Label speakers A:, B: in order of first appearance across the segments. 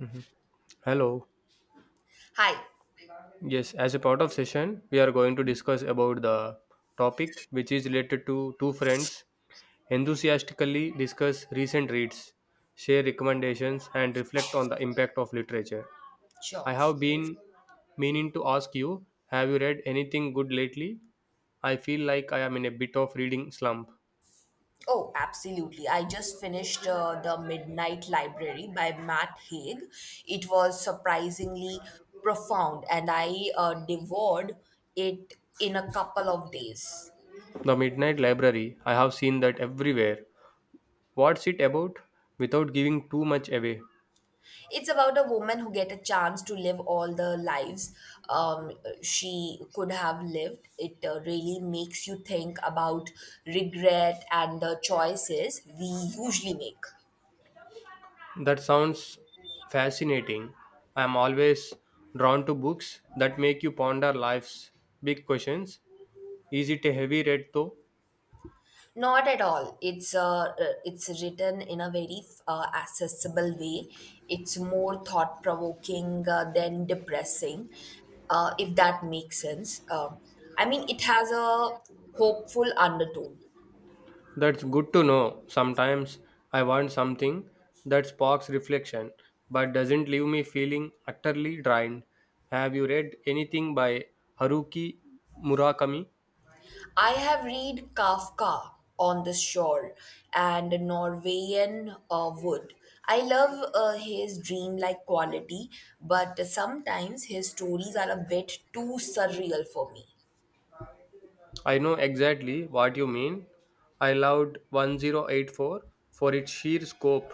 A: Mhm. Hello.
B: Hi.
A: Yes, as a part of session, we are going to discuss about the topic which is related to two friends enthusiastically discuss recent reads, share recommendations and reflect on the impact of literature. I
B: Sure.
A: have been meaning to ask you, have you read anything good lately? I feel like I am in a bit of reading slump.
B: Oh, absolutely. I just finished The Midnight Library by Matt Haig. It was surprisingly profound, and I devoured it in a couple of days.
A: The Midnight Library, I have seen that everywhere. What's it about? Without giving too much away.
B: It's about a woman who get a chance to live all the lives um, she could have lived. It really makes you think about regret and the choices we usually make.
A: That sounds fascinating. I am always drawn to books that make you ponder life's big questions. Is it a heavy read though?
B: Not at all. It's written in a very accessible way. It's more thought provoking than depressing, if that makes sense. I mean, it has a hopeful undertone.
A: That's good to know. Sometimes I want something that sparks reflection but doesn't leave me feeling utterly drained. Have you read anything by Haruki Murakami?
B: I have read Kafka on the shore and Norwegian Wood. I love his dreamlike quality, but sometimes his stories are a bit too surreal for me.
A: I know exactly what you mean. I loved 1084 for its sheer scope,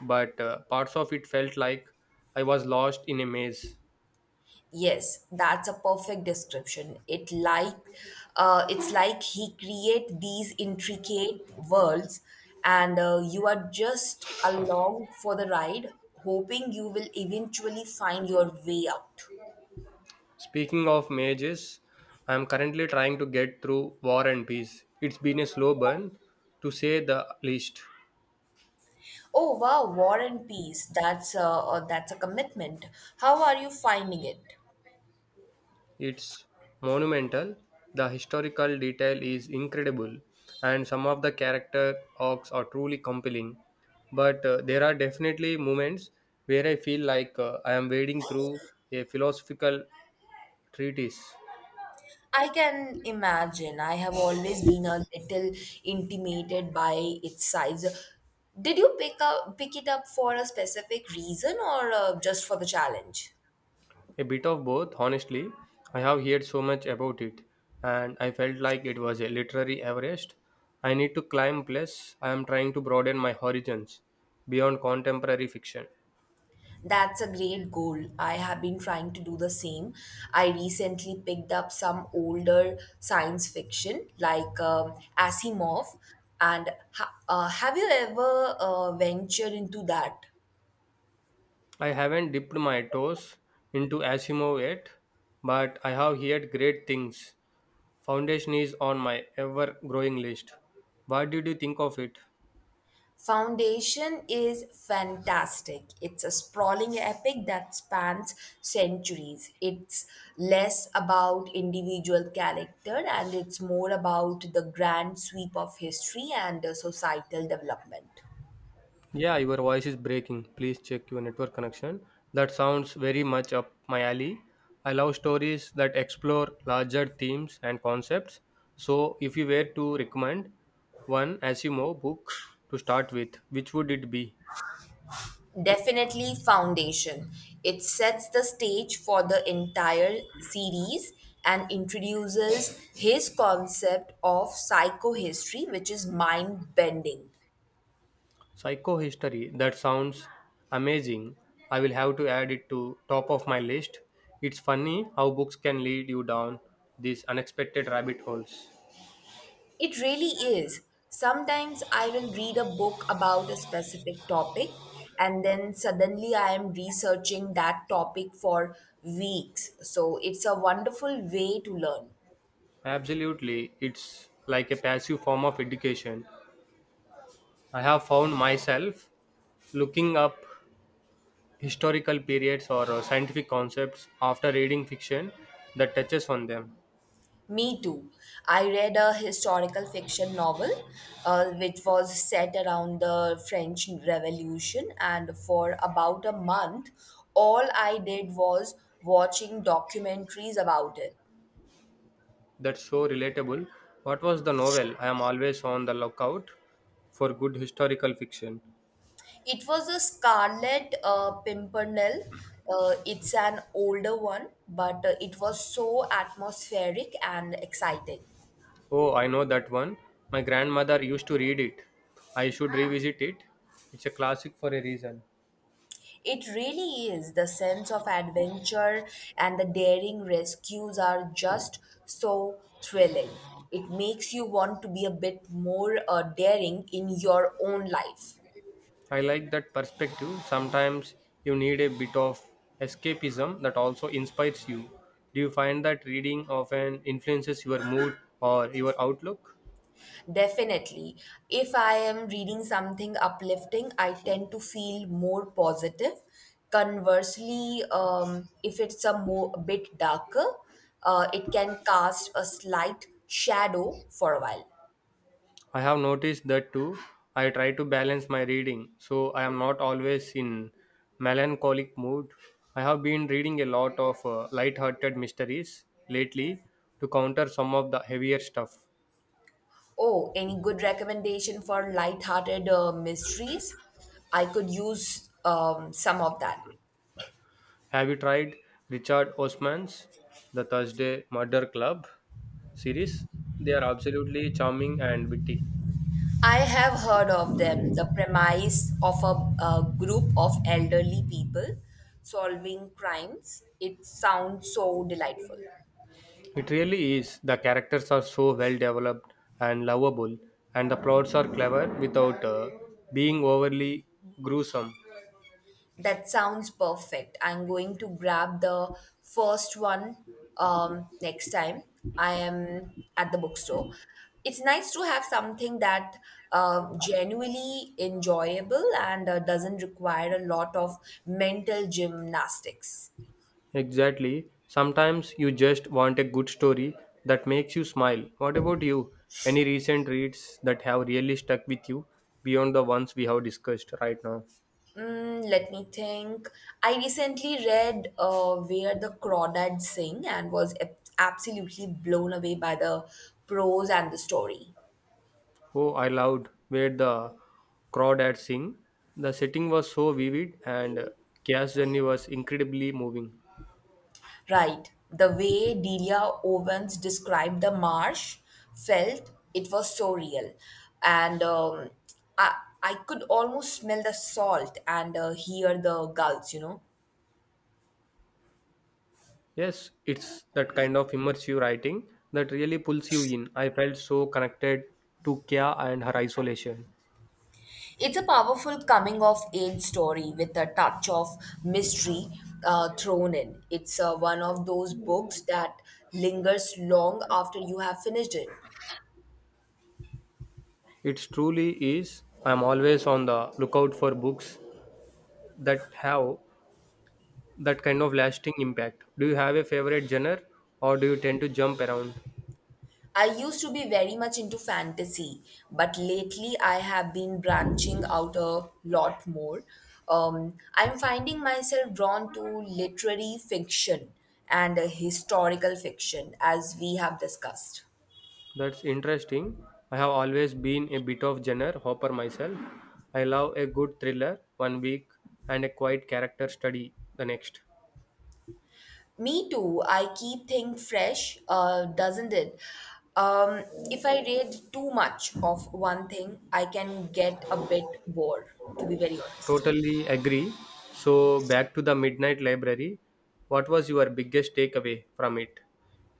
A: but parts of it felt like I was lost in a maze.
B: Yes, that's a perfect description. It like it's like he create these intricate worlds, and you are just along for the ride, hoping you will eventually find your way out.
A: Speaking of mazes, I am currently trying to get through War and Peace. It's been a slow burn, to say the least.
B: Oh wow, War and Peace. That's a commitment. How are you finding it?
A: It's monumental, the historical detail is incredible, and some of the character arcs are truly compelling. But there are definitely moments where I feel like I am wading through a philosophical treatise.
B: I can imagine. I have always been a little intimidated by its size. Did you pick it up for a specific reason or just for the challenge?
A: A bit of both, honestly. I have heard so much about it, and I felt like it was a literary Everest. I need to climb, plus, I am trying to broaden my horizons beyond contemporary fiction.
B: That's a great goal. I have been trying to do the same. I recently picked up some older science fiction like Asimov. And have you ever ventured into that?
A: I haven't dipped my toes into Asimo yet, but I have heard great things. Foundation is on my ever growing list. What did you think of it?
B: Foundation is fantastic. It's a sprawling epic that spans centuries. It's less about individual character and it's more about the grand sweep of history and the societal development.
A: Yeah, your voice is breaking. Please check your network connection. That sounds very much up my alley. I love stories that explore larger themes and concepts. So, if you were to recommend one Asimo book to start with, which would it be?
B: Definitely Foundation. It sets the stage for the entire series and introduces his concept of psychohistory, which is mind bending.
A: Psychohistory, that sounds amazing. I will have to add it to top of my list. It's funny how books can lead you down these unexpected rabbit holes.
B: It really is. Sometimes I will read a book about a specific topic and then suddenly I am researching that topic for weeks. So it's a wonderful way to learn.
A: Absolutely, it's like a passive form of education. I have found myself looking up historical periods or scientific concepts after reading fiction that touches on them.
B: Me too. I read a historical fiction novel which was set around the French Revolution, and for about a month, all I did was watching documentaries about it.
A: That's so relatable. What was the novel? I am always on the lookout for good historical fiction.
B: It was a Scarlet Pimpernel. It's an older one, but it was so atmospheric and exciting.
A: Oh, I know that one. My grandmother used to read it. I should revisit it. It's a classic for a reason.
B: It really is. The sense of adventure and the daring rescues are just so thrilling. It makes you want to be a bit more daring in your own life.
A: I like that perspective. Sometimes you need a bit of escapism that also inspires you. Do you find that reading often influences your mood or your outlook?
B: Definitely. If I am reading something uplifting, I tend to feel more positive. Conversely, if it's a more a bit darker, it can cast a slight shadow for a while.
A: I have noticed that too. I try to balance my reading so I am not always in melancholic mood. I have been reading a lot of light-hearted mysteries lately to counter some of the heavier stuff.
B: Oh, any good recommendation for light-hearted mysteries? I could use some of that.
A: Have you tried Richard Osman's The Thursday Murder Club series? They are absolutely charming and witty.
B: I have heard of them, the premise of a group of elderly people solving crimes. It sounds so delightful.
A: It really is. The characters are so well developed and lovable, and the plots are clever without being overly gruesome.
B: That sounds perfect. I'm going to grab the first one next time I am at the bookstore. It's nice to have something that genuinely enjoyable and doesn't require a lot of mental gymnastics.
A: Exactly. Sometimes you just want a good story that makes you smile. What about you? Any recent reads that have really stuck with you beyond the ones we have discussed right now?
B: Let me think. I recently read Where the Crawdads Sing and was absolutely blown away by the prose and the story.
A: Oh, I loved where the crawdads sing. The setting was so vivid and Kia's journey was incredibly moving.
B: Right. The way Delia Owens described the marsh felt it was so real. And I, I could almost smell the salt and hear the gulls.
A: Yes, it's that kind of immersive writing that really pulls you in. I felt so connected to Kia and her isolation.
B: It's a powerful coming of age story with a touch of mystery thrown in. It's one of those books that lingers long after you have finished it.
A: It truly is. I'm always on the lookout for books that have that kind of lasting impact. Do you have a favorite genre or do you tend to jump around?
B: I used to be very much into fantasy, but lately I have been branching out a lot more. I'm finding myself drawn to literary fiction and historical fiction, as we have discussed.
A: That's interesting. I have always been a bit of genre hopper myself. I love a good thriller 1 week and a quiet character study the next.
B: Me too. I keep things fresh, doesn't it? Um, if I read too much of one thing, I can get a bit bored, to be very honest.
A: Totally agree. So, back to the Midnight Library. What was your biggest takeaway from it?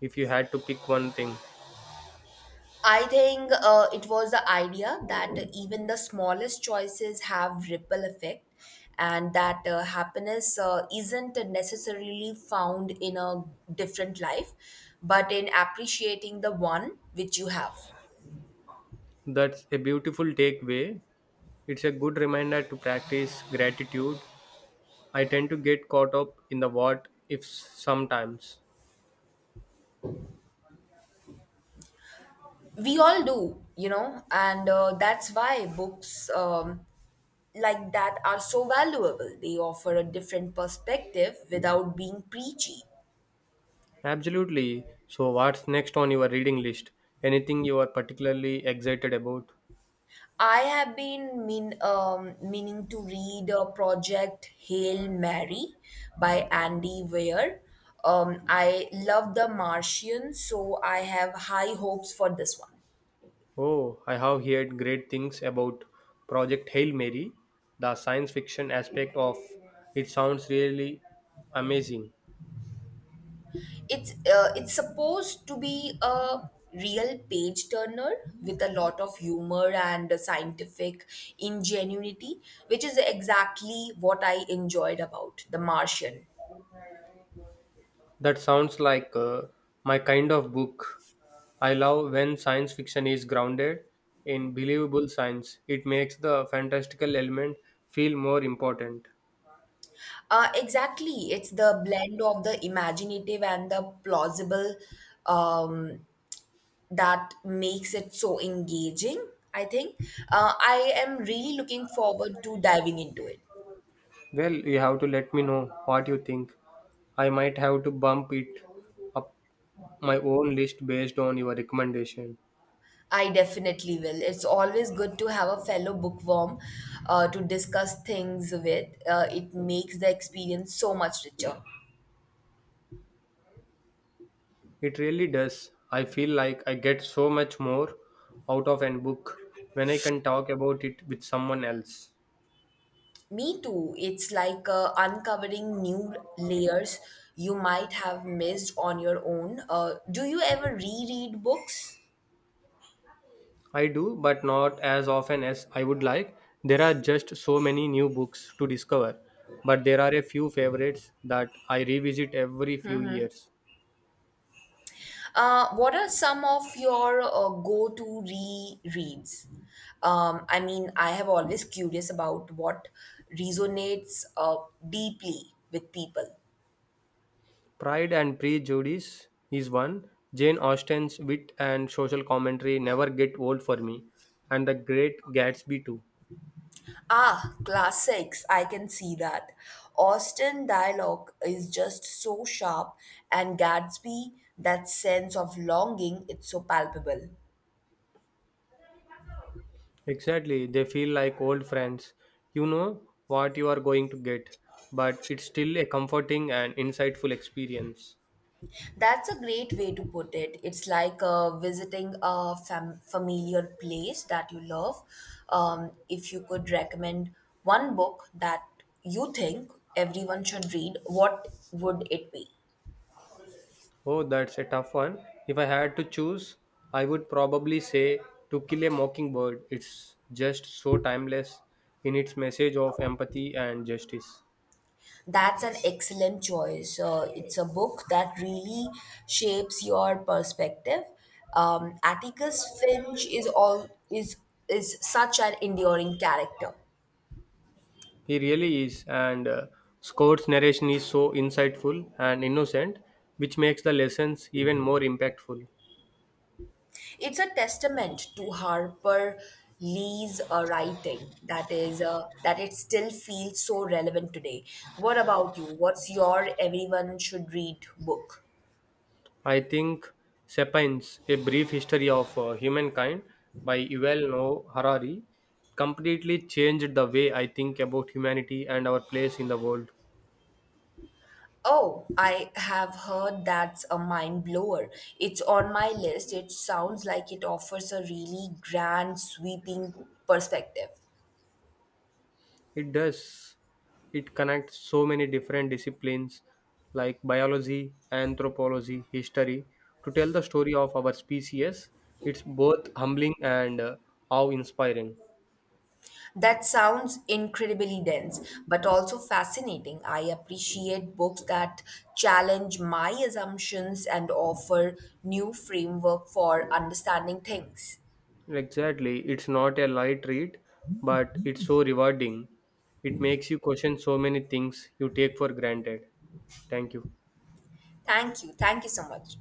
A: If you had to pick one thing,
B: I think it was the idea that even the smallest choices have ripple effect and that happiness isn't necessarily found in a different life, but in appreciating the one which you have.
A: that's a beautiful takeaway. It's a good reminder to practice gratitude. I tend to get caught up in the what ifs sometimes.
B: We all do. And that's why books like that are so valuable. They offer a different perspective without being preachy.
A: Absolutely. So, what's next on your reading list? Anything you are particularly excited about?
B: I have been meaning to read a Project Hail Mary by Andy Weir. I love The Martian, so I have high hopes for this one.
A: Oh, I have heard great things about Project Hail Mary. The science fiction aspect of it sounds really amazing.
B: It's it's supposed to be a real page turner with a lot of humor and a scientific ingenuity, which is exactly what I enjoyed about The Martian.
A: That sounds like my kind of book. I love when science fiction is grounded in believable science. It makes the fantastical element feel more important.
B: Exactly, it's the blend of the imaginative and the plausible, um, that makes it so engaging, I think. I am really looking forward to diving into it.
A: Well, you have to let me know what you think. I might have to bump it up my own list based on your recommendation.
B: I definitely will. It's always good to have a fellow bookworm to discuss things with. It makes the experience so much richer.
A: It really does. I feel like I get so much more out of an book when I can talk about it with someone else.
B: Me too. It's like uncovering new layers you might have missed on your own. Do you ever reread books?
A: I do, but not as often as I would like. There are just so many new books to discover, but there are a few favorites that I revisit every few years.
B: What are some of your go-to rereads? I mean, I have always curious about what resonates deeply with people.
A: Pride and Prejudice is one. Jane Austen's wit and social commentary never get old for me, and The Great Gatsby too.
B: Ah, classics. I can see that. Austen dialogue is just so sharp, and Gatsby, that sense of longing, it's so palpable.
A: Exactly, they feel like old friends. You know what you are going to get, but it's still a comforting and insightful experience.
B: That's a great way to put it. It's like visiting a familiar place that you love. If you could recommend one book that you think everyone should read, what would it be?
A: Oh, that's a tough one. If I had to choose, I would probably say To Kill a Mockingbird. It's just so timeless in its message of empathy and justice.
B: That's an excellent choice. It's a book that really shapes your perspective. Atticus Finch is all is such an enduring character.
A: He really is, and Scott's narration is so insightful and innocent, which makes the lessons even more impactful.
B: It's a testament to Harper Lee's writing that it still feels so relevant today. What about you? What's your everyone should read book?
A: I think Sapiens, A Brief History of Humankind by Yuval Noah Harari, completely changed the way I think about humanity and our place in the world.
B: Oh, I have heard that's a mind blower. It's on my list. It sounds like it offers a really grand, sweeping perspective.
A: It does. It connects so many different disciplines like biology, anthropology, history to tell the story of our species. It's both humbling and awe inspiring.
B: That sounds incredibly dense, but also fascinating. I appreciate books that challenge my assumptions and offer new framework for understanding things.
A: Exactly. It's not a light read, but it's so rewarding. It makes you question so many things you take for granted. Thank you.
B: Thank you. Thank you so much.